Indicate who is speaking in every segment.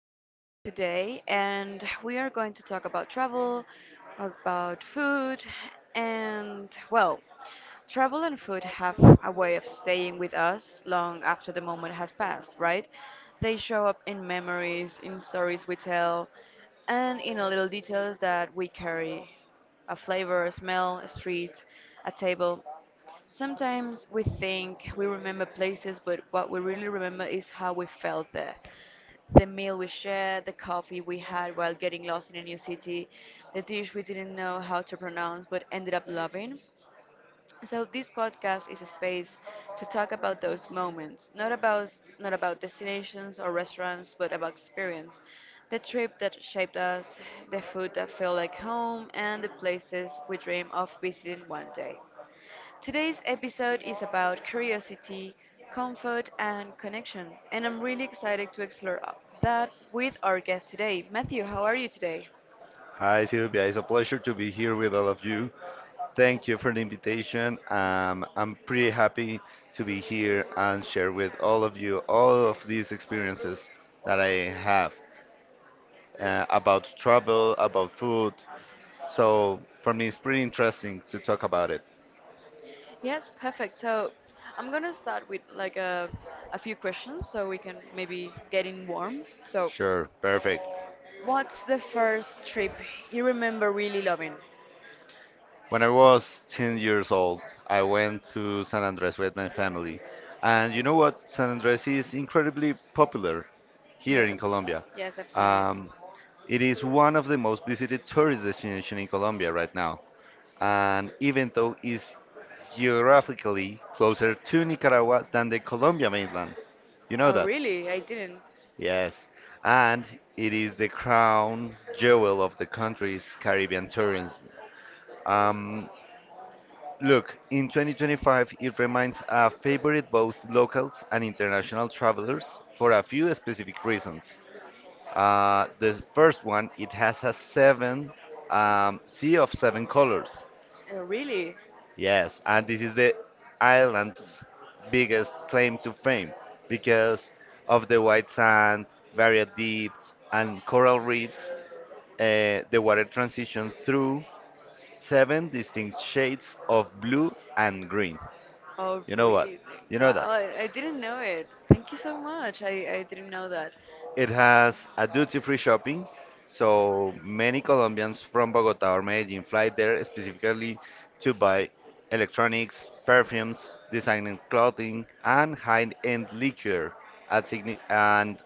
Speaker 1: episode today, and we are going to talk about travel, about food, and well, travel and food have a way of staying with us long after the moment has passed, right? They show up in memories, in stories we tell, and in a little details that we carry a flavor, a smell, a street, a table. Sometimes we think we remember places, but what we really remember is how we felt there. The meal we shared, the coffee we had while getting lost in a new city, the dish we didn't know how to pronounce but ended up loving. So this podcast is a space to talk about those moments, not about destinations or restaurants, but about experience. The trip that shaped us, the food that felt like home, and the places we dream of visiting one day. Today's episode is about curiosity, comfort, and connection, and I'm really excited to explore that with our guest today. Matthew, how are you today?
Speaker 2: Hi, Silvia. It's a pleasure to be here with all of you. Thank you for the invitation. I'm pretty happy to be here and share with all of you all of these experiences that I have about travel, about food. So for me, it's pretty interesting to talk about it.
Speaker 1: Yes, perfect. So I'm gonna start with like a few questions so we can maybe get in warm. So,
Speaker 2: Sure, perfect.
Speaker 1: what's the first trip you remember really loving?
Speaker 2: When I was 10 years old, I went to San Andres with my family. And you know what? San Andres is incredibly popular here in
Speaker 1: Yes,
Speaker 2: Colombia.
Speaker 1: yes, I've seen it.
Speaker 2: Um, It is one of the most visited tourist destinations in Colombia right now, and even though it's geographically closer to Nicaragua than the Colombia mainland, you know
Speaker 1: Oh,
Speaker 2: that?
Speaker 1: really? I didn't.
Speaker 2: Yes, and it is the crown jewel of the country's Caribbean tourism. Um, Look, in 2025, it remains a favorite both locals and international travelers for a few specific reasons. The first one, it has a seven sea of seven colors.
Speaker 1: Oh, really?
Speaker 2: Yes, and this is the island's biggest claim to fame because of the white sand, varied deeps, and coral reefs. The water transitions through seven distinct shades of blue and green.
Speaker 1: Oh,
Speaker 2: You know what?
Speaker 1: really?
Speaker 2: You
Speaker 1: Wow,
Speaker 2: know that.
Speaker 1: I didn't know it. Thank you so much. I didn't know that.
Speaker 2: It has a duty-free shopping, so many Colombians from Bogota or Medellin fly there specifically to buy electronics, perfumes, designer clothing, and high-end liquor at signi- and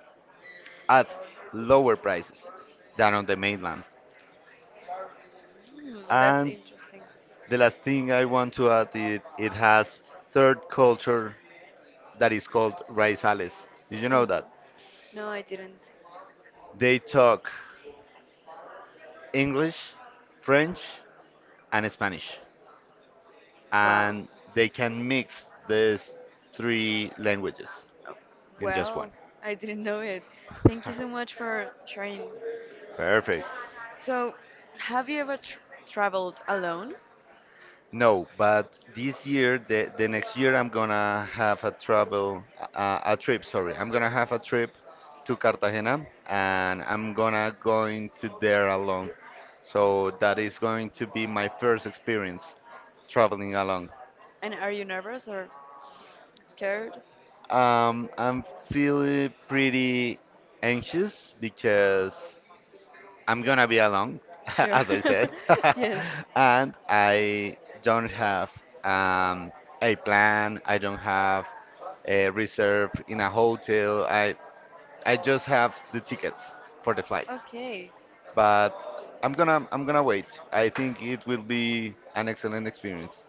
Speaker 2: at lower prices than on the mainland.
Speaker 1: Hmm, that's
Speaker 2: And
Speaker 1: interesting.
Speaker 2: the last thing I want to add is it has third culture that is called Raizales. Did you know
Speaker 1: Mhm.
Speaker 2: that?
Speaker 1: No, I didn't.
Speaker 2: They talk English, French, and Spanish,
Speaker 1: Wow.
Speaker 2: and they can mix these three languages
Speaker 1: Oh,
Speaker 2: in just one.
Speaker 1: well, I didn't know it. Thank you so much for sharing.
Speaker 2: Perfect.
Speaker 1: So, have you ever tr traveled alone?
Speaker 2: No, but this year, the next year, I'm gonna have a travel, a trip, sorry. I'm gonna have a trip to Cartagena and I'm gonna going to there alone. So that is going to be my first experience traveling alone.
Speaker 1: And are you nervous or s- scared?
Speaker 2: I'm feeling pretty anxious because I'm gonna be alone,
Speaker 1: Sure.
Speaker 2: as I said,
Speaker 1: Yes.
Speaker 2: and I don't have um, a plan. I don't have a reserve in a hotel. I just
Speaker 1: These
Speaker 2: have the tickets for the
Speaker 1: tickets.
Speaker 2: flights.
Speaker 1: Okay.
Speaker 2: But I'm gonna wait. I think it will be an excellent experience.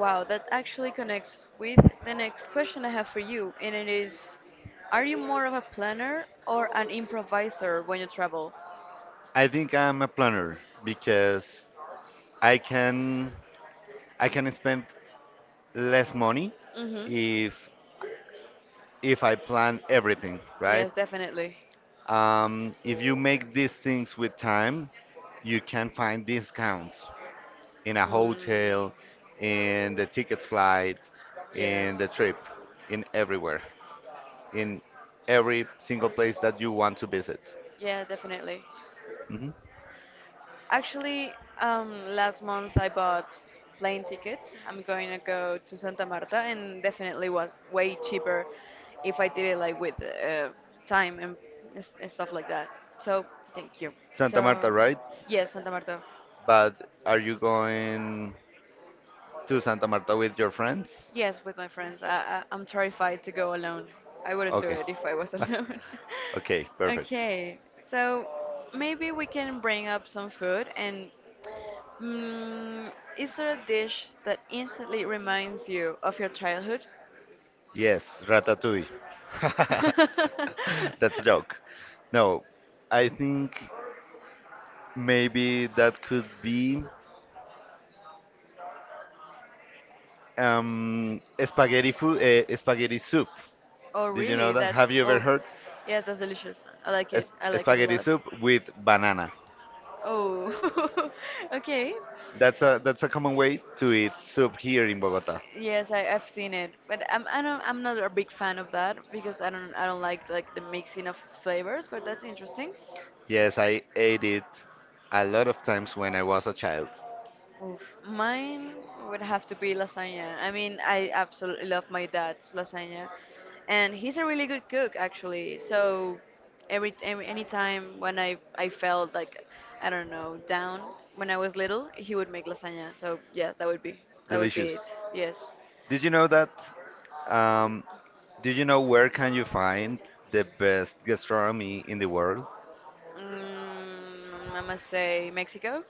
Speaker 1: Wow, that actually connects with the next question I have for you, and it is, are you more of a planner or an improviser when you travel?
Speaker 2: I think I'm a planner because I can I can spend less money
Speaker 1: Mm-hmm.
Speaker 2: if if I plan everything, right?
Speaker 1: Yes, definitely.
Speaker 2: If you make these things with time, you can find discounts in a
Speaker 1: Mm,
Speaker 2: hotel, in the ticket flight,
Speaker 1: in yeah.
Speaker 2: in the trip, in everywhere, in every single place that you want to visit.
Speaker 1: Yeah, definitely.
Speaker 2: Mhm.
Speaker 1: Actually, last month I bought plane tickets. I'm going to go to Santa Marta, and definitely was way cheaper if I did it like with time and and stuff like that. So thank you.
Speaker 2: Santa Marta,
Speaker 1: So
Speaker 2: right?
Speaker 1: yes, Santa Marta.
Speaker 2: But are you going to Santa Marta with your friends?
Speaker 1: Yes, with my friends. I'm terrified to go alone. I wouldn't do
Speaker 2: Okay.
Speaker 1: it if I was alone.
Speaker 2: Okay, perfect.
Speaker 1: Okay, so maybe we can bring up some food. And mm, is there a dish that instantly reminds you of your childhood?
Speaker 2: Yes, Ratatouille. That's a joke. No, I think. Maybe that could be spaghetti food, spaghetti soup.
Speaker 1: Oh,
Speaker 2: Did you know
Speaker 1: really?
Speaker 2: that? Have you ever heard
Speaker 1: Yeah, that's delicious. I like it. I like it a
Speaker 2: spaghetti
Speaker 1: lot.
Speaker 2: soup with banana?
Speaker 1: Oh, okay.
Speaker 2: That's a common way to eat soup here in Bogota.
Speaker 1: Yes, I've seen it, but I'm I don't I'm not a big fan of that because I don't like the mixing of flavors. But that's interesting.
Speaker 2: Yes, I ate it a lot of times when I was a child.
Speaker 1: Oof, mine would have to be lasagna. I mean, I absolutely love my dad's lasagna, and he's a really good cook actually. So every any time when I felt like I don't know down when I was little, he would make lasagna. So yes, that would be
Speaker 2: Delicious.
Speaker 1: it. Yes.
Speaker 2: Did you know that? Um, did you know where can you find the best gastronomy in the world?
Speaker 1: Mm, I must say Mexico,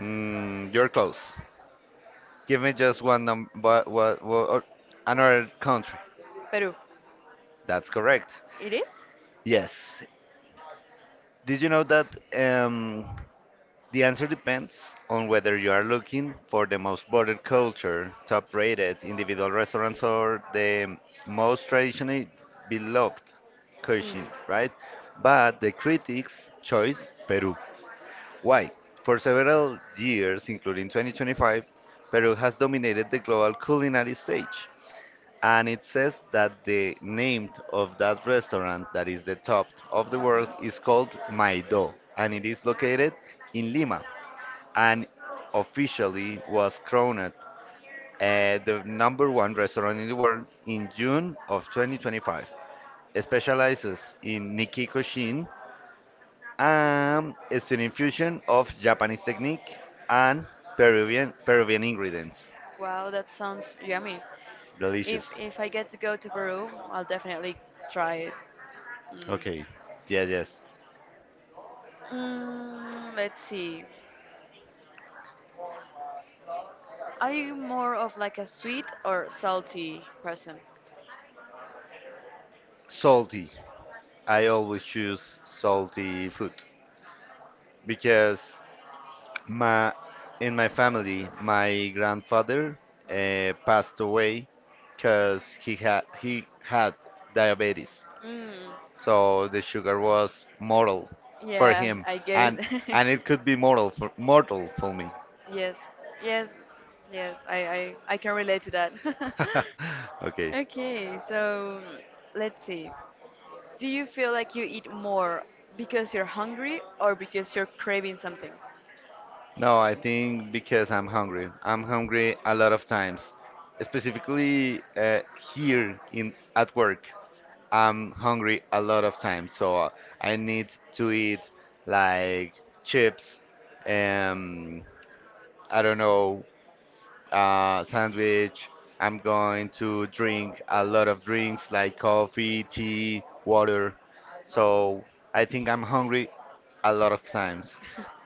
Speaker 2: Mm, you're close. Give me just one num what or another country.
Speaker 1: Peru.
Speaker 2: That's correct.
Speaker 1: It is?
Speaker 2: Yes. Did you know that the answer depends on whether you are looking for the most bordered culture, top rated individual restaurants, or the most traditionally beloved
Speaker 1: Mm. Mhm.
Speaker 2: cuisine, right? But the critics choice Peru. Why? For several years, including 2025, Peru has dominated the global culinary stage, and it says that the name of that restaurant that is the top of the world is called Maido and it is located in Lima and officially was crowned the number one restaurant in the world in June of 2025. It specializes in Nikki Koshin and it's an infusion of Japanese technique and Peruvian ingredients.
Speaker 1: Wow, that sounds yummy.
Speaker 2: Delicious.
Speaker 1: If I get to go to Peru, I'll definitely try it. Mm.
Speaker 2: Okay. Yeah, yes.
Speaker 1: Mm, let's see. Are you more of like a sweet or salty person?
Speaker 2: Salty. I always choose salty food because my in my family, my grandfather passed away because he had diabetes,
Speaker 1: Mm.
Speaker 2: so the sugar was mortal for
Speaker 1: Yeah,
Speaker 2: him,
Speaker 1: I get
Speaker 2: and
Speaker 1: it.
Speaker 2: and it could be mortal for me.
Speaker 1: Yes, yes, yes. I can relate to that.
Speaker 2: Okay.
Speaker 1: Okay, so let's see. Do you feel like you eat more because you're hungry or because you're craving something?
Speaker 2: No, I think because I'm hungry. I'm hungry a lot of times, specifically here in at work. I'm hungry a lot of times, so I need to eat like chips, um, I don't know, sandwich. I'm going to drink a lot of drinks like coffee, tea, water. So I think I'm hungry a lot of times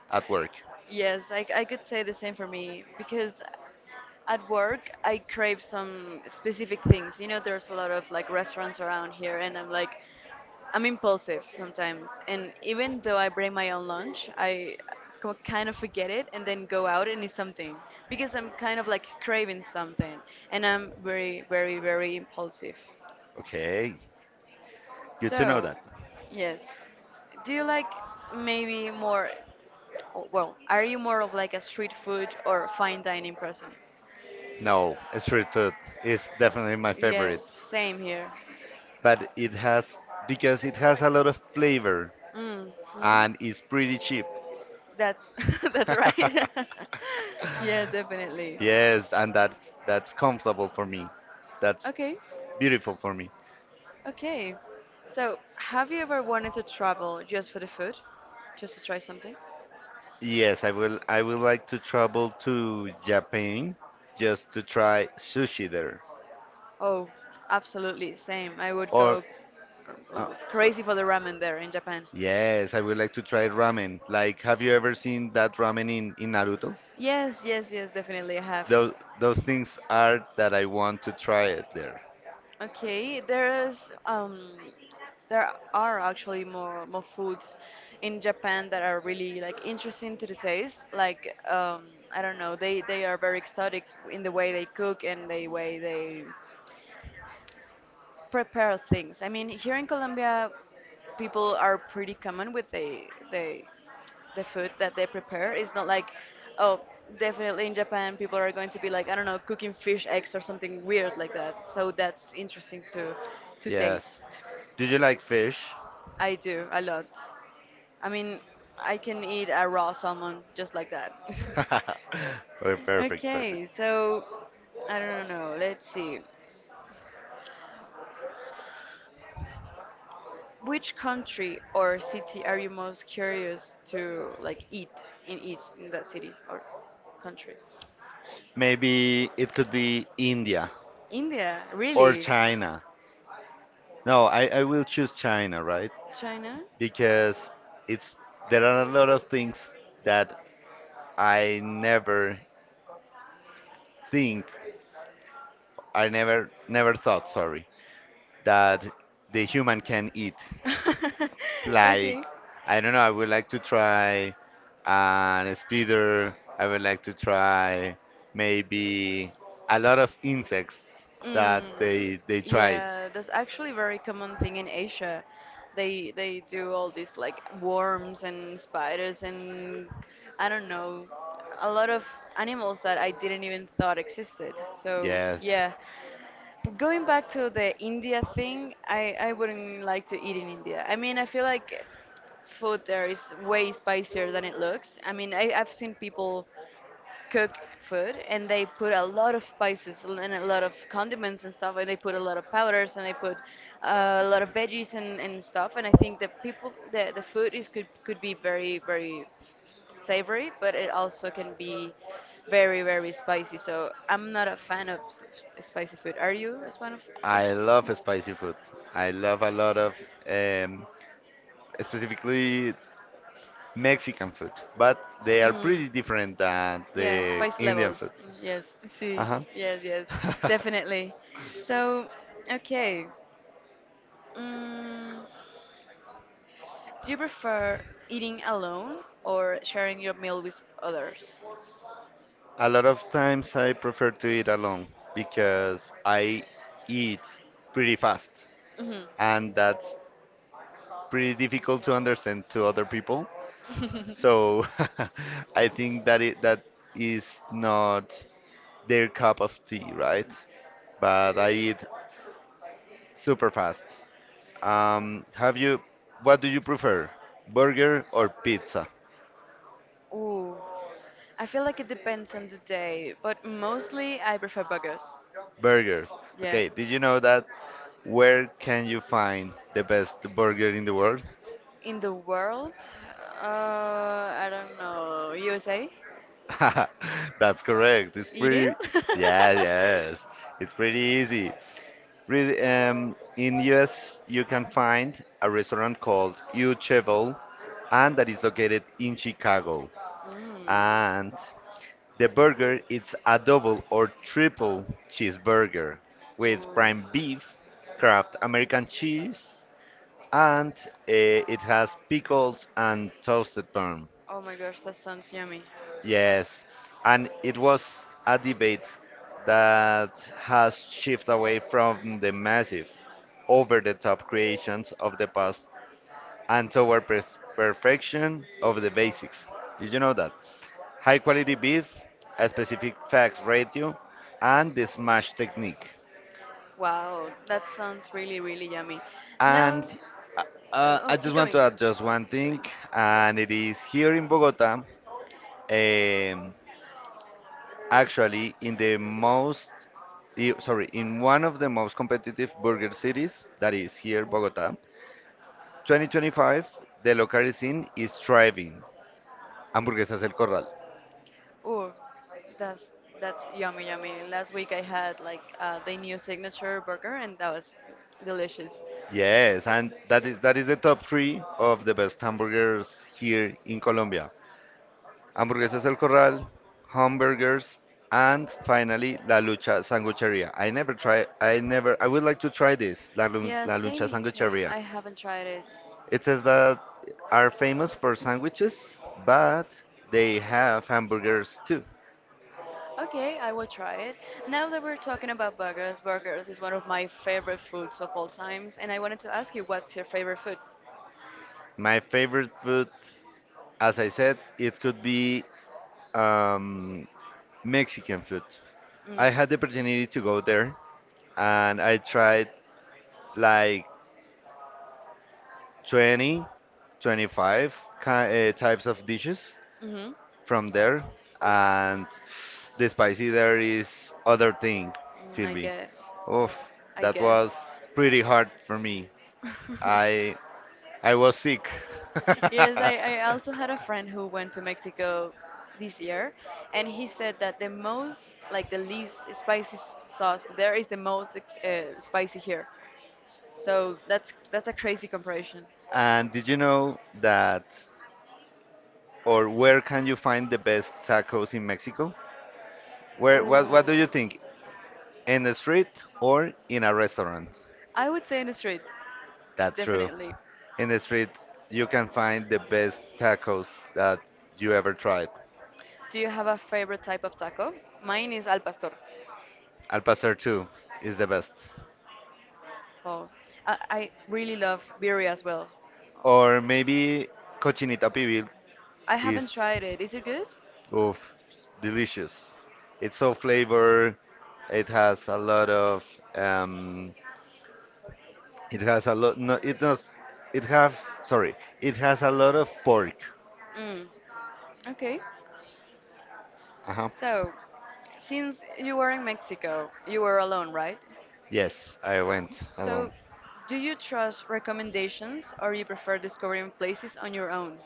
Speaker 2: at work.
Speaker 1: Yes, I could say the same for me because at work I crave some specific things. You know, there's a lot of like restaurants around here, and I'm like, I'm impulsive sometimes, and even though I bring my own lunch, I kind of forget it and then go out and eat something because I'm kind of like craving something, and I'm very, very, very impulsive.
Speaker 2: Okay. Good to know
Speaker 1: So,
Speaker 2: that.
Speaker 1: yes, do you like maybe more? Oh, well, are you more of like a street food or fine dining person?
Speaker 2: No, street food is definitely my favorite,
Speaker 1: Yes, same here.
Speaker 2: but it has because it has a lot of flavor
Speaker 1: Mm. Mhm.
Speaker 2: and it's pretty cheap.
Speaker 1: That's that's right. Yeah, definitely.
Speaker 2: Yes, and that's comfortable for me. That's
Speaker 1: Okay,
Speaker 2: beautiful for me.
Speaker 1: okay. So, have you ever wanted to travel just for the food, just to try something?
Speaker 2: Yes, I would like to travel to Japan just to try sushi there.
Speaker 1: Oh, absolutely, same. I would
Speaker 2: Or
Speaker 1: go uh,
Speaker 2: uh,
Speaker 1: crazy for the ramen there in Japan.
Speaker 2: yes, I would like to try ramen. Like have you ever seen that ramen in Naruto?
Speaker 1: Yes, yes, yes, definitely I have.
Speaker 2: Those those things are that I want to try it there.
Speaker 1: Okay, there are actually more foods in Japan that are really like interesting to the taste. Like I don't know, they are very exotic in the way they cook and the way they prepare things. I mean, here in Colombia, people are pretty common with the the food that they prepare. It's not like, oh, definitely in Japan people are going to be like, I don't know, cooking fish eggs or something weird like that. So that's interesting to
Speaker 2: Yes.
Speaker 1: taste.
Speaker 2: Do you like fish?
Speaker 1: I do a lot. I mean, I can eat a raw salmon just like that.
Speaker 2: Perfect, perfect.
Speaker 1: Okay, so I don't know. Let's see. Which country or city are you most curious to like eat and eat in that city or country?
Speaker 2: Maybe it could be India
Speaker 1: India,
Speaker 2: or
Speaker 1: really?
Speaker 2: China. No, I will choose China, right?
Speaker 1: China?
Speaker 2: Because it's there are a lot of things that I never think, I never thought, sorry, that the human can eat. Like,
Speaker 1: Okay.
Speaker 2: I don't know, I would like to try an speeder. I would like to try maybe a lot of insects that
Speaker 1: Mm,
Speaker 2: they tried.
Speaker 1: yeah, that's actually very common thing in Asia. They do all these like worms and spiders and I don't know, a lot of animals that I didn't even thought existed. So
Speaker 2: Yes,
Speaker 1: yeah, going back to the India thing, I wouldn't like to eat in India. I mean, I feel like food there is way spicier than it looks. I mean, I've seen people cook food and they put a lot of spices and a lot of condiments and stuff and they put a lot of powders and they put a lot of veggies and and stuff and I think the food is could be very very savory but it also can be very very spicy so I'm not a fan of spicy food, are you a fan of
Speaker 2: I
Speaker 1: spicy food?
Speaker 2: love spicy food. I love a lot of um, specifically Mexican food, but they are
Speaker 1: Mm.
Speaker 2: pretty different than
Speaker 1: Yeah,
Speaker 2: the
Speaker 1: spice
Speaker 2: Indian food.
Speaker 1: levels. Mm, yes,
Speaker 2: Uh
Speaker 1: see.
Speaker 2: huh.
Speaker 1: Yes, yes, definitely. So, okay. Mm, do you prefer eating alone or sharing your meal with others?
Speaker 2: A lot of times I prefer to eat alone because I eat pretty fast
Speaker 1: Hmm.
Speaker 2: and that's pretty difficult to understand to other people. So I think that it that is not their cup of tea, right? But I eat super fast. Um, have you, what do you prefer, burger or pizza?
Speaker 1: Ooh, I feel like it depends on the day, but mostly I prefer burgers.
Speaker 2: Burgers.
Speaker 1: Yes.
Speaker 2: Okay, did you know that where can you find the best burger in the world?
Speaker 1: In the world, I don't know. USA?
Speaker 2: That's correct.
Speaker 1: It is?
Speaker 2: Yeah, yes. It's pretty easy. Really, in US, you can find a restaurant called U Cheval, and that is located in Chicago.
Speaker 1: Mm.
Speaker 2: And the burger, it's a double or triple cheeseburger with
Speaker 1: Ooh.
Speaker 2: prime beef, Kraft American cheese, and it has pickles and toasted bun.
Speaker 1: Oh my gosh, that sounds yummy.
Speaker 2: Yes, and it was a debate that has shifted away from the massive, over the top creations of the past and toward perfection of the basics. Did you know that? High quality beef, a specific fat ratio, and the smash technique.
Speaker 1: Wow, that sounds really, really yummy. Now,
Speaker 2: And uh,
Speaker 1: oh, oh,
Speaker 2: I
Speaker 1: keep
Speaker 2: just want
Speaker 1: going.
Speaker 2: to
Speaker 1: No,
Speaker 2: add
Speaker 1: keep
Speaker 2: just
Speaker 1: going,
Speaker 2: one
Speaker 1: keep
Speaker 2: thing,
Speaker 1: going.
Speaker 2: and it is here in Bogota. Um, Actually, in the sorry, in one of the most competitive burger cities, that is here, Bogota, 2025, the local scene is thriving. Hamburguesas El Corral.
Speaker 1: Oh, that's yummy. Last week I had like the new signature burger, and that was delicious.
Speaker 2: Yes, and that is the top three of the best hamburgers here in Colombia. Hamburguesas El Corral, hamburgers, and finally La Lucha Sangucheria. I never try. I never. I would like to try this
Speaker 1: Yeah,
Speaker 2: La Lucha
Speaker 1: same. I
Speaker 2: Sangucheria.
Speaker 1: haven't tried it.
Speaker 2: It says that are famous for sandwiches, but they have hamburgers too.
Speaker 1: Okay, I will try it. Now that we're talking about burgers, burgers is one of my favorite foods of all times, and I wanted to ask you, what's your favorite food?
Speaker 2: My favorite food, as I said, it could be um, Mexican food. I had the
Speaker 1: Mm.
Speaker 2: opportunity to go there and I tried like 20, 25 types of dishes
Speaker 1: Mm-hmm.
Speaker 2: from there, and the spicy there is other thing,
Speaker 1: Mm, I
Speaker 2: Sylvie.
Speaker 1: get it.
Speaker 2: Oof,
Speaker 1: I
Speaker 2: that
Speaker 1: guess.
Speaker 2: was pretty hard for me. I I was sick.
Speaker 1: Yes, I also had a friend who went to Mexico this year, and he said that the most, like the least spicy sauce there is the most spicy here. So that's a crazy comparison.
Speaker 2: And did you know that, or where can you find the best tacos in Mexico? Where,
Speaker 1: Ooh.
Speaker 2: what do you think? In the street or in a restaurant?
Speaker 1: I would say in the streets,
Speaker 2: That's true.
Speaker 1: definitely.
Speaker 2: In the street, you can find the best tacos that you ever tried.
Speaker 1: Do you have a favorite type of taco? Mine is al pastor.
Speaker 2: Al pastor too is the best.
Speaker 1: Oh, I really love birria as well.
Speaker 2: Or maybe cochinita pibil
Speaker 1: I
Speaker 2: is.
Speaker 1: haven't tried it. Is it good?
Speaker 2: Oof, delicious. It's so flavor. It has a lot of um it has a lot no it does it has sorry, it has a lot of pork.
Speaker 1: Mm, okay.
Speaker 2: Uh-huh.
Speaker 1: So, since you were in Mexico, you were alone, right?
Speaker 2: Yes, I went alone.
Speaker 1: So, do you trust recommendations or you prefer discovering places on your own?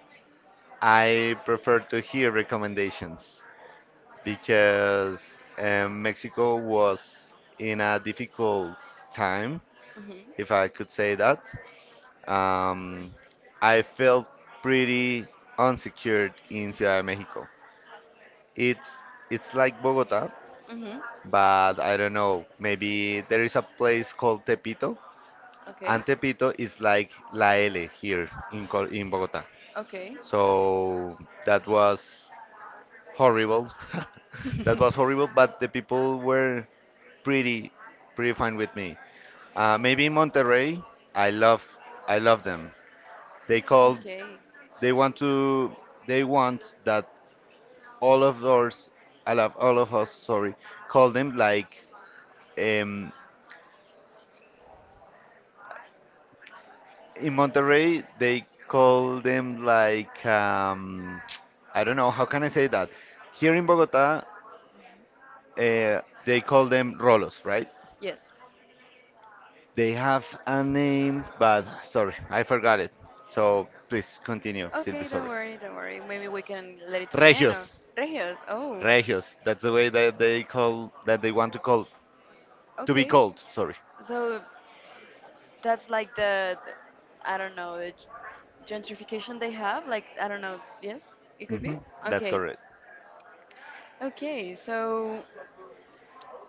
Speaker 2: I prefer to hear recommendations because Mexico was in a difficult time,
Speaker 1: Mm-hmm.
Speaker 2: if I could say that. Um, I felt pretty unsecured in Ciudad de Mexico. It's it's like Bogota,
Speaker 1: Mm-hmm.
Speaker 2: but I don't know. Maybe there is a place called Tepito,
Speaker 1: Okay.
Speaker 2: and Tepito is like La L here in Col in Bogota.
Speaker 1: Okay.
Speaker 2: So that was horrible. That was horrible, but the people were pretty pretty fine with me. Maybe in Monterrey, I love I love them. They called
Speaker 1: Okay.
Speaker 2: they want to they want that all of us I love all of us sorry call them like Um, in Monterrey, they call them like I don't know how can I say that. Here in Bogota, uh, they call them rolos, right?
Speaker 1: Yes.
Speaker 2: They have a name, but sorry, I forgot it. So please continue, Silvi.
Speaker 1: Okay, don't
Speaker 2: Sorry.
Speaker 1: worry, don't worry. Maybe we can let it to the end Regios.
Speaker 2: Regios,
Speaker 1: Or Regios. Oh,
Speaker 2: Regios. That's the way that they call that they want to call to be
Speaker 1: okay.
Speaker 2: called. Sorry.
Speaker 1: So that's like the I don't know, the gentrification they have. Like I don't know. Yes, it could be.
Speaker 2: Hmm. That's
Speaker 1: Okay.
Speaker 2: correct.
Speaker 1: Okay. So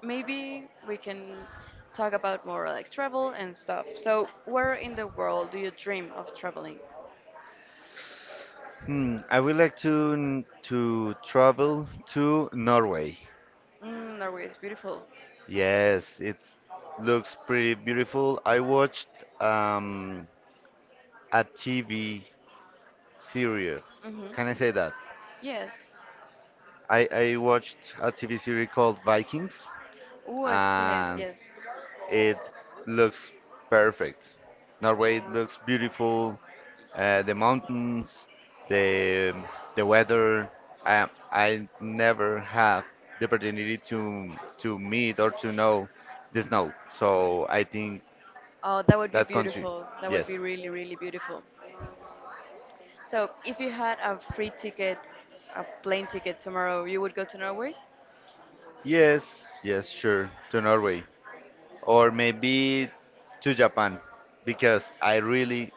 Speaker 1: maybe we can talk about more like travel and stuff. So where in the world do you dream of traveling?
Speaker 2: Hmm, I would like to travel to Norway.
Speaker 1: Mm, Norway is beautiful.
Speaker 2: Yes, it looks pretty beautiful. I watched um, a TV series.
Speaker 1: Mhm. I
Speaker 2: Can I say that?
Speaker 1: yes.
Speaker 2: I, I watched a TV series called Vikings,
Speaker 1: Oh, I've seen it,
Speaker 2: and
Speaker 1: yes.
Speaker 2: it looks perfect. Norway looks beautiful. The mountains, the the weather. I never have the opportunity to meet or to know the snow, so I think
Speaker 1: Oh, that would be
Speaker 2: that country.
Speaker 1: beautiful. That would be
Speaker 2: Yes.
Speaker 1: really, really beautiful. So, if you had a free ticket, a plane ticket tomorrow, you would go to Norway?
Speaker 2: Yes, yes, sure. To Norway. Or maybe to Japan. Because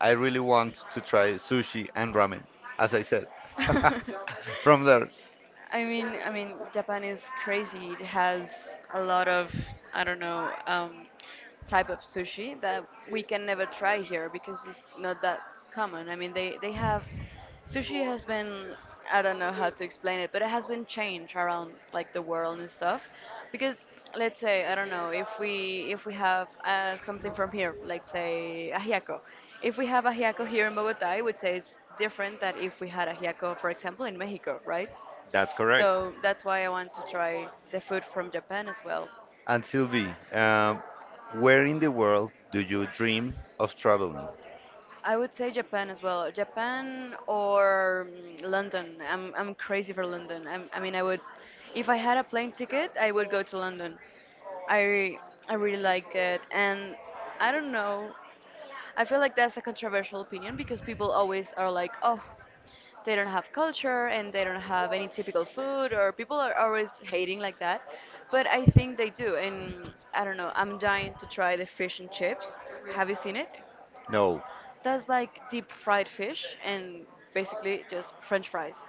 Speaker 2: I really want to try sushi and ramen, as I said.
Speaker 1: I
Speaker 2: From there.
Speaker 1: I mean, Japan is crazy. It has a lot of, I don't know, type of sushi that we can never try here because it's not that common. I mean, they have sushi has been I don't know how to explain it, but it has been changed around like the world and stuff because let's say I don't know if we have something from here, like say ajiaco. If we have ajiaco here in Bogota, I would say it's different than if we had ajiaco, for example, in Mexico, right?
Speaker 2: That's correct.
Speaker 1: So that's why I want to try the food from Japan as well.
Speaker 2: And Sylvie, where in the world do you dream of traveling?
Speaker 1: I would say Japan as well. Japan or mm, London. I'm crazy for London. I'm, I mean, I would, if I had a plane ticket, I would go to London. I I really like it, and I don't know. I feel like that's a controversial opinion because people always are like, oh, they don't have culture and they don't have any typical food, or people are always hating like that. But I think they do, and I don't know. I'm dying to try the fish and chips. Have you seen it?
Speaker 2: No.
Speaker 1: Does like deep fried fish and basically just French fries,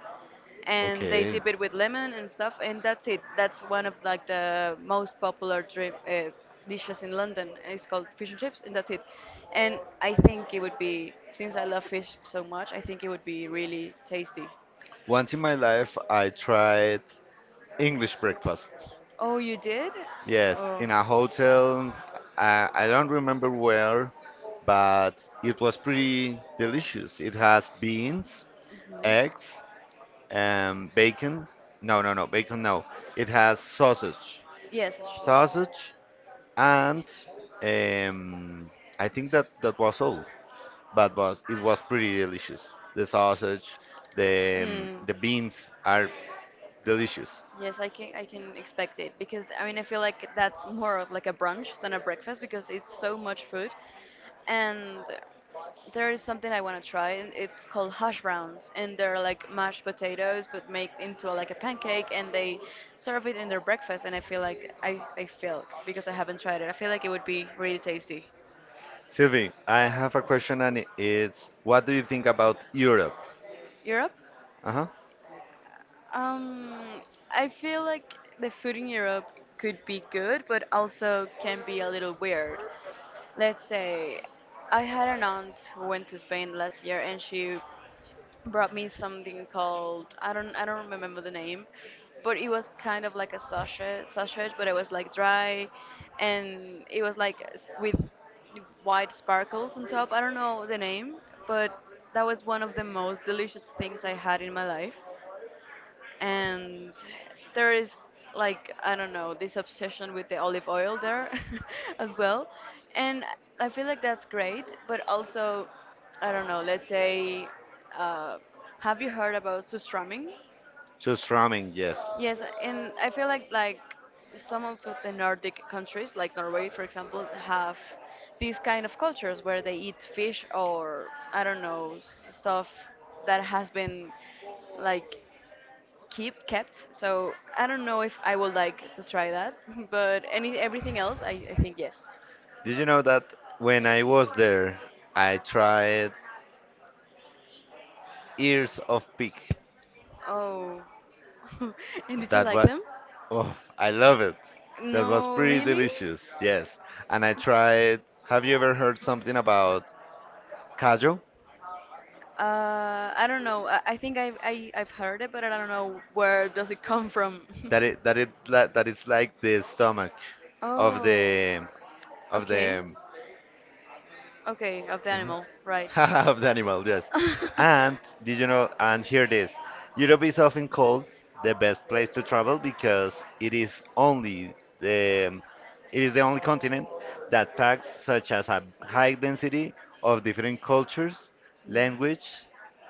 Speaker 1: and they
Speaker 2: Okay.
Speaker 1: dip it with lemon and stuff, and that's it. That's one of like the most popular dishes in London. And it's called fish and chips, and that's it. And I think it would be, since I love fish so much, I think it would be really tasty.
Speaker 2: Once in my life, I tried English breakfast.
Speaker 1: Oh, you did?
Speaker 2: Yes,
Speaker 1: Oh.
Speaker 2: in a hotel. I don't remember where, but it was pretty delicious. It has beans,
Speaker 1: Mhm.
Speaker 2: eggs, and bacon. No, no, no, bacon, no. It has sausage.
Speaker 1: Yes, it's just.
Speaker 2: Sausage, and um, I think that was all. But was it was pretty delicious. The sausage,
Speaker 1: Mm.
Speaker 2: the beans are delicious.
Speaker 1: Yes, I can expect it because I mean I feel like that's more of like a brunch than a breakfast because it's so much food, and there is something I want to try and it's called hash browns and they're like mashed potatoes but made into like a pancake and they serve it in their breakfast and I feel like I feel because I haven't tried it I feel like it would be really tasty.
Speaker 2: Sylvie, I have a question, and it's what do you think about Europe?
Speaker 1: Europe?
Speaker 2: Uh huh.
Speaker 1: Um, I feel like the food in Europe could be good, but also can be a little weird. Let's say I had an aunt who went to Spain last year and she brought me something called, I don't remember the name, but it was kind of like a sausage, but it was like dry and it was like with white sparkles on top. I don't know the name, but that was one of the most delicious things I had in my life, and there is like, I don't know, this obsession with the olive oil there as well, and I feel like that's great. But also, I don't know. Let's say, uh, have you heard about sustramming?
Speaker 2: Just ramen, yes.
Speaker 1: Yes, and I feel like some of the Nordic countries, like Norway, for example, have these kind of cultures where they eat fish or, I don't know, stuff that has been like keep kept. So I don't know if I would like to try that, but any everything else, I think yes.
Speaker 2: Did you know that when I was there, I tried ears of pig?
Speaker 1: Oh, and did you
Speaker 2: That
Speaker 1: like
Speaker 2: was,
Speaker 1: them?
Speaker 2: oh, I love it. That was
Speaker 1: No,
Speaker 2: pretty
Speaker 1: really?
Speaker 2: delicious. Yes, and I tried. Have you ever heard something about callo?
Speaker 1: I don't know. I've heard it, but I don't know where does it come from.
Speaker 2: That it that it that, that it's like the stomach of
Speaker 1: Oh,
Speaker 2: the of
Speaker 1: okay,
Speaker 2: the.
Speaker 1: okay, of the
Speaker 2: Mhm.
Speaker 1: animal, right?
Speaker 2: Of the animal, yes. And did you know? And hear this: Europe is often called the best place to travel because the it is the only continent that packs such as a high density of different cultures,
Speaker 1: Mm.
Speaker 2: language,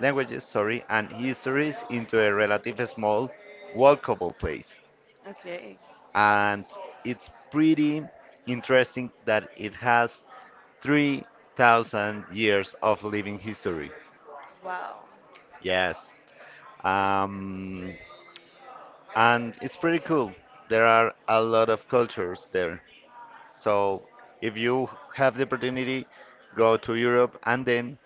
Speaker 2: languages, sorry, and histories into a relatively small, walkable place,
Speaker 1: Okay.
Speaker 2: and it's pretty interesting that it has 3,000 years of living history.
Speaker 1: Wow.
Speaker 2: Yes. Um, and it's pretty cool. There are a lot of cultures there. So if you have the opportunity, go to Europe, and then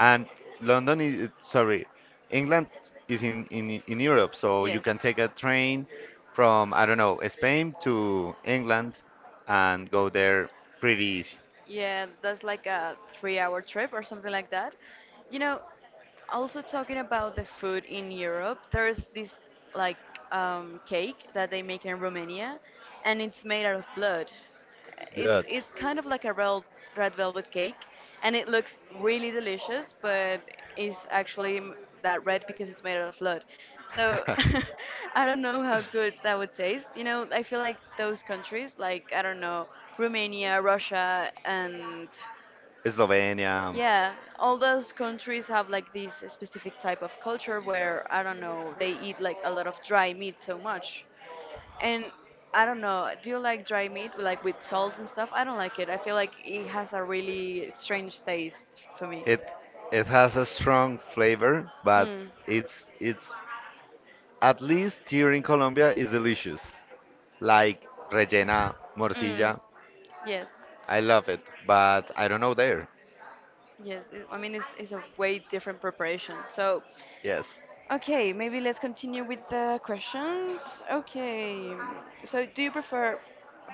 Speaker 2: and London is sorry, England is in Europe, so you
Speaker 1: Yes.
Speaker 2: can take a train from I don't know Spain to England and go there pretty easy.
Speaker 1: Yeah, that's like a 3 hour trip or something like that. You know, also talking about the food in Europe, there's this like cake that they make in Romania and it's made out of blood. it's
Speaker 2: That.
Speaker 1: it's kind of like a red velvet cake and it looks really delicious, but it's actually that red because it's made out of blood. So I don't know how good that would taste. You know, I feel like those countries, like, I don't know, Romania, Russia, and
Speaker 2: Slovenia.
Speaker 1: yeah, all those countries have like this specific type of culture where, I don't know, they eat like a lot of dry meat so much. And I don't know, do you like dry meat, like with salt and stuff? I don't like it. I feel like it has a really strange taste for me.
Speaker 2: It has a strong flavor, but
Speaker 1: Mm.
Speaker 2: it's, at least here in Colombia, is delicious. Like rellena,
Speaker 1: Mm.
Speaker 2: morcilla.
Speaker 1: Yes.
Speaker 2: I love it, but I don't know there.
Speaker 1: Yes. I mean, it's a way different preparation. So,
Speaker 2: Yes.
Speaker 1: okay, maybe let's continue with the questions. Okay. So, do you prefer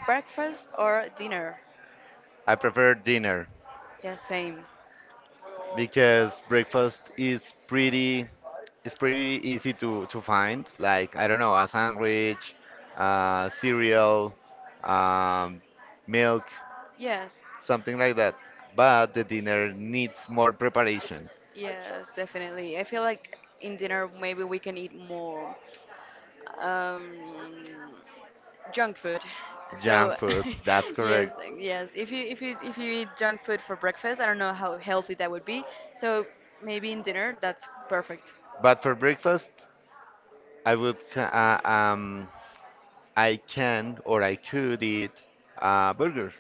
Speaker 1: breakfast or dinner?
Speaker 2: I prefer dinner,
Speaker 1: Yeah, same.
Speaker 2: because breakfast is pretty easy to find. Like I don't know, a sandwich, cereal, um, milk,
Speaker 1: Yes,
Speaker 2: something like that. But the dinner needs more preparation.
Speaker 1: yes, definitely. I feel like in dinner maybe we can eat more um, junk food. So
Speaker 2: Junk food, that's
Speaker 1: yes,
Speaker 2: correct.
Speaker 1: yes. If you eat junk food for breakfast, I don't know how healthy that would be. So maybe in dinner that's perfect.
Speaker 2: But for breakfast, I would ca- uh, um I can or I could eat a burger.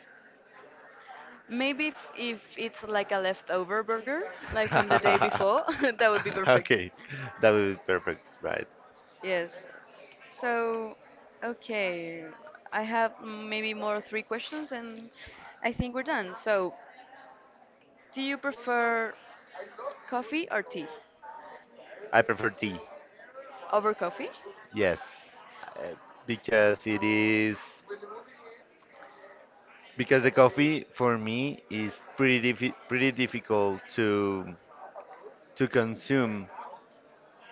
Speaker 1: Maybe if it's like a leftover burger, like from the day before, that would be perfect.
Speaker 2: Okay, that would be perfect, right?
Speaker 1: Yes. So, okay, I have maybe more three questions and I think we're done. So, do you prefer coffee or tea?
Speaker 2: I prefer tea,
Speaker 1: Over coffee?
Speaker 2: yes, uh, because it is because the coffee for me is pretty difficult to consume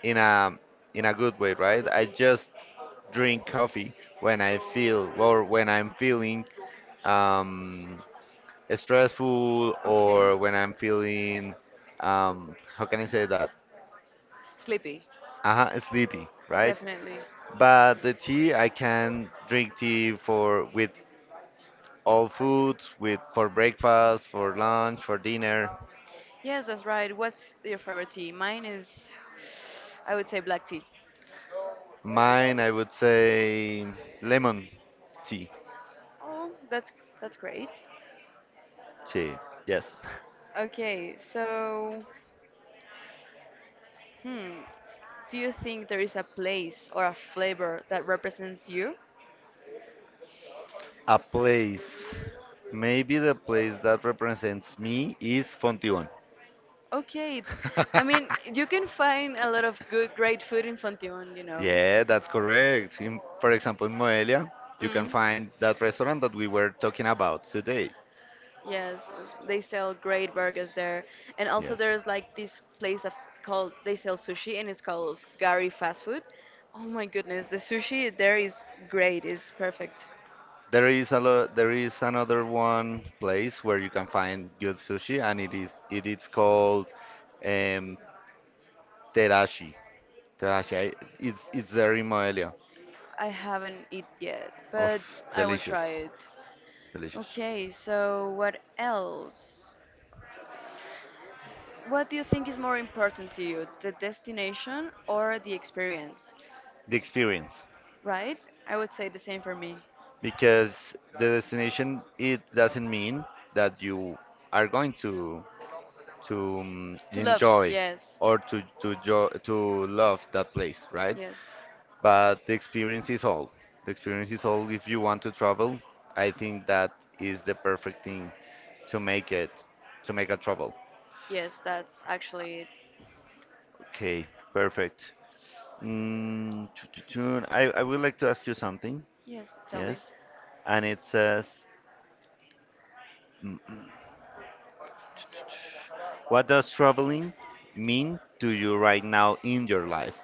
Speaker 2: in a good way, right? I just drink coffee when I feel or when I'm feeling um, stressful
Speaker 1: Okay.
Speaker 2: or when I'm feeling how can I say that?
Speaker 1: Sleepy.
Speaker 2: Uh-huh, sleepy, right?
Speaker 1: Definitely.
Speaker 2: But the tea, I can drink tea for with all food, with for breakfast, for lunch, for dinner.
Speaker 1: Yes, that's right. What's your favorite tea? Mine is, I would say black tea.
Speaker 2: Mine, I would say lemon tea.
Speaker 1: Oh, that's great.
Speaker 2: Tea, yes.
Speaker 1: Okay, so, hmm, do you think there is a place or a flavor that represents you?
Speaker 2: A place. Maybe the place that represents me is Fontibón.
Speaker 1: Okay, I mean, you can find a lot of good, great food in Fontimon, you know.
Speaker 2: Yeah, that's correct. In, for example, in Moelia, you can
Speaker 1: Mm.
Speaker 2: find that restaurant that we were talking about today.
Speaker 1: Yes, they sell great burgers there, and also
Speaker 2: Yes.
Speaker 1: there's like this place of called they sell sushi, and it's called Gary Fast Food. Oh my goodness, the sushi there is great, it's perfect.
Speaker 2: There is another one place where you can find good sushi, and it is called um, Terashi. Terashi, it's there in Moelia.
Speaker 1: I haven't eat yet,
Speaker 2: Of
Speaker 1: but I will
Speaker 2: delicious,
Speaker 1: try it.
Speaker 2: delicious.
Speaker 1: Okay, so what else? What do you think is more important to you, the destination or the experience?
Speaker 2: The experience.
Speaker 1: Right? I would say the same for me.
Speaker 2: Because the destination, it doesn't mean that you are going to
Speaker 1: To love,
Speaker 2: enjoy
Speaker 1: yes.
Speaker 2: or to love that place, right?
Speaker 1: Yes.
Speaker 2: But the experience is all. The experience is all. If you want to travel, I think that is the perfect thing to make it, to make a travel.
Speaker 1: Yes, that's actually it.
Speaker 2: Okay, perfect. Mm, tu- tu- I would like to ask you something,
Speaker 1: Yes, tell me.
Speaker 2: yes? And it says, mm, mm, tu- tu- tu- what does traveling mean to you right now in your life?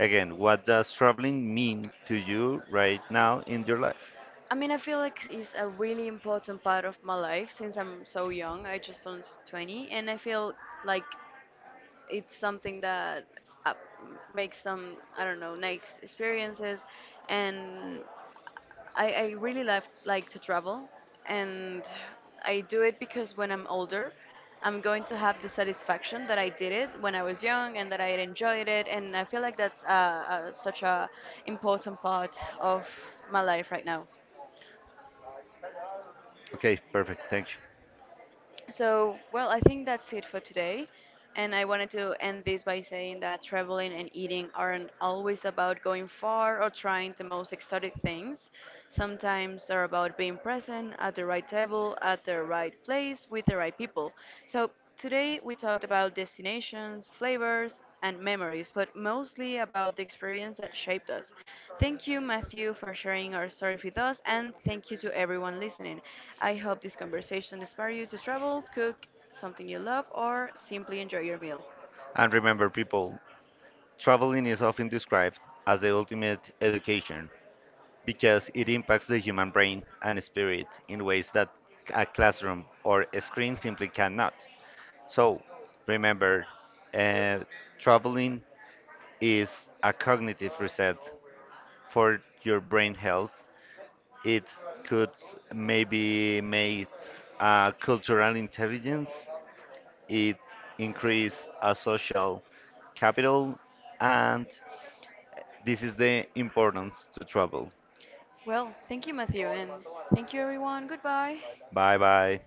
Speaker 2: Again, what does traveling mean to you right now in your life?
Speaker 1: I mean, I feel like it's a really important part of my life since I'm so young. I just turned 20, and I feel like it's something that uh, makes some, I don't know, nice experiences, and I really love, like, to travel, and I do it because when I'm older, I'm going to have the satisfaction that I did it when I was young and that I enjoyed it, and I feel like that's such a important part of my life right now.
Speaker 2: Okay, perfect. Thank you.
Speaker 1: So, well, I think that's it for today. And I wanted to end this by saying that traveling and eating aren't always about going far or trying the most exotic things. Sometimes they're about being present at the right table, at the right place, with the right people. So today we talked about destinations, flavors, and memories, but mostly about the experience that shaped us. Thank you, Matthew, for sharing our story with us, and thank you to everyone listening. I hope this conversation inspired you to travel, cook something you love, or simply enjoy your meal.
Speaker 2: And remember, people, traveling is often described as the ultimate education because it impacts the human brain and spirit in ways that a classroom or a screen simply cannot. So, remember, uh, traveling is a cognitive reset for your brain health. It could maybe make cultural intelligence, it increase a social capital, and this is the importance to travel.
Speaker 1: Well, thank you, Matthew, and thank you, everyone. Goodbye.
Speaker 2: Bye bye.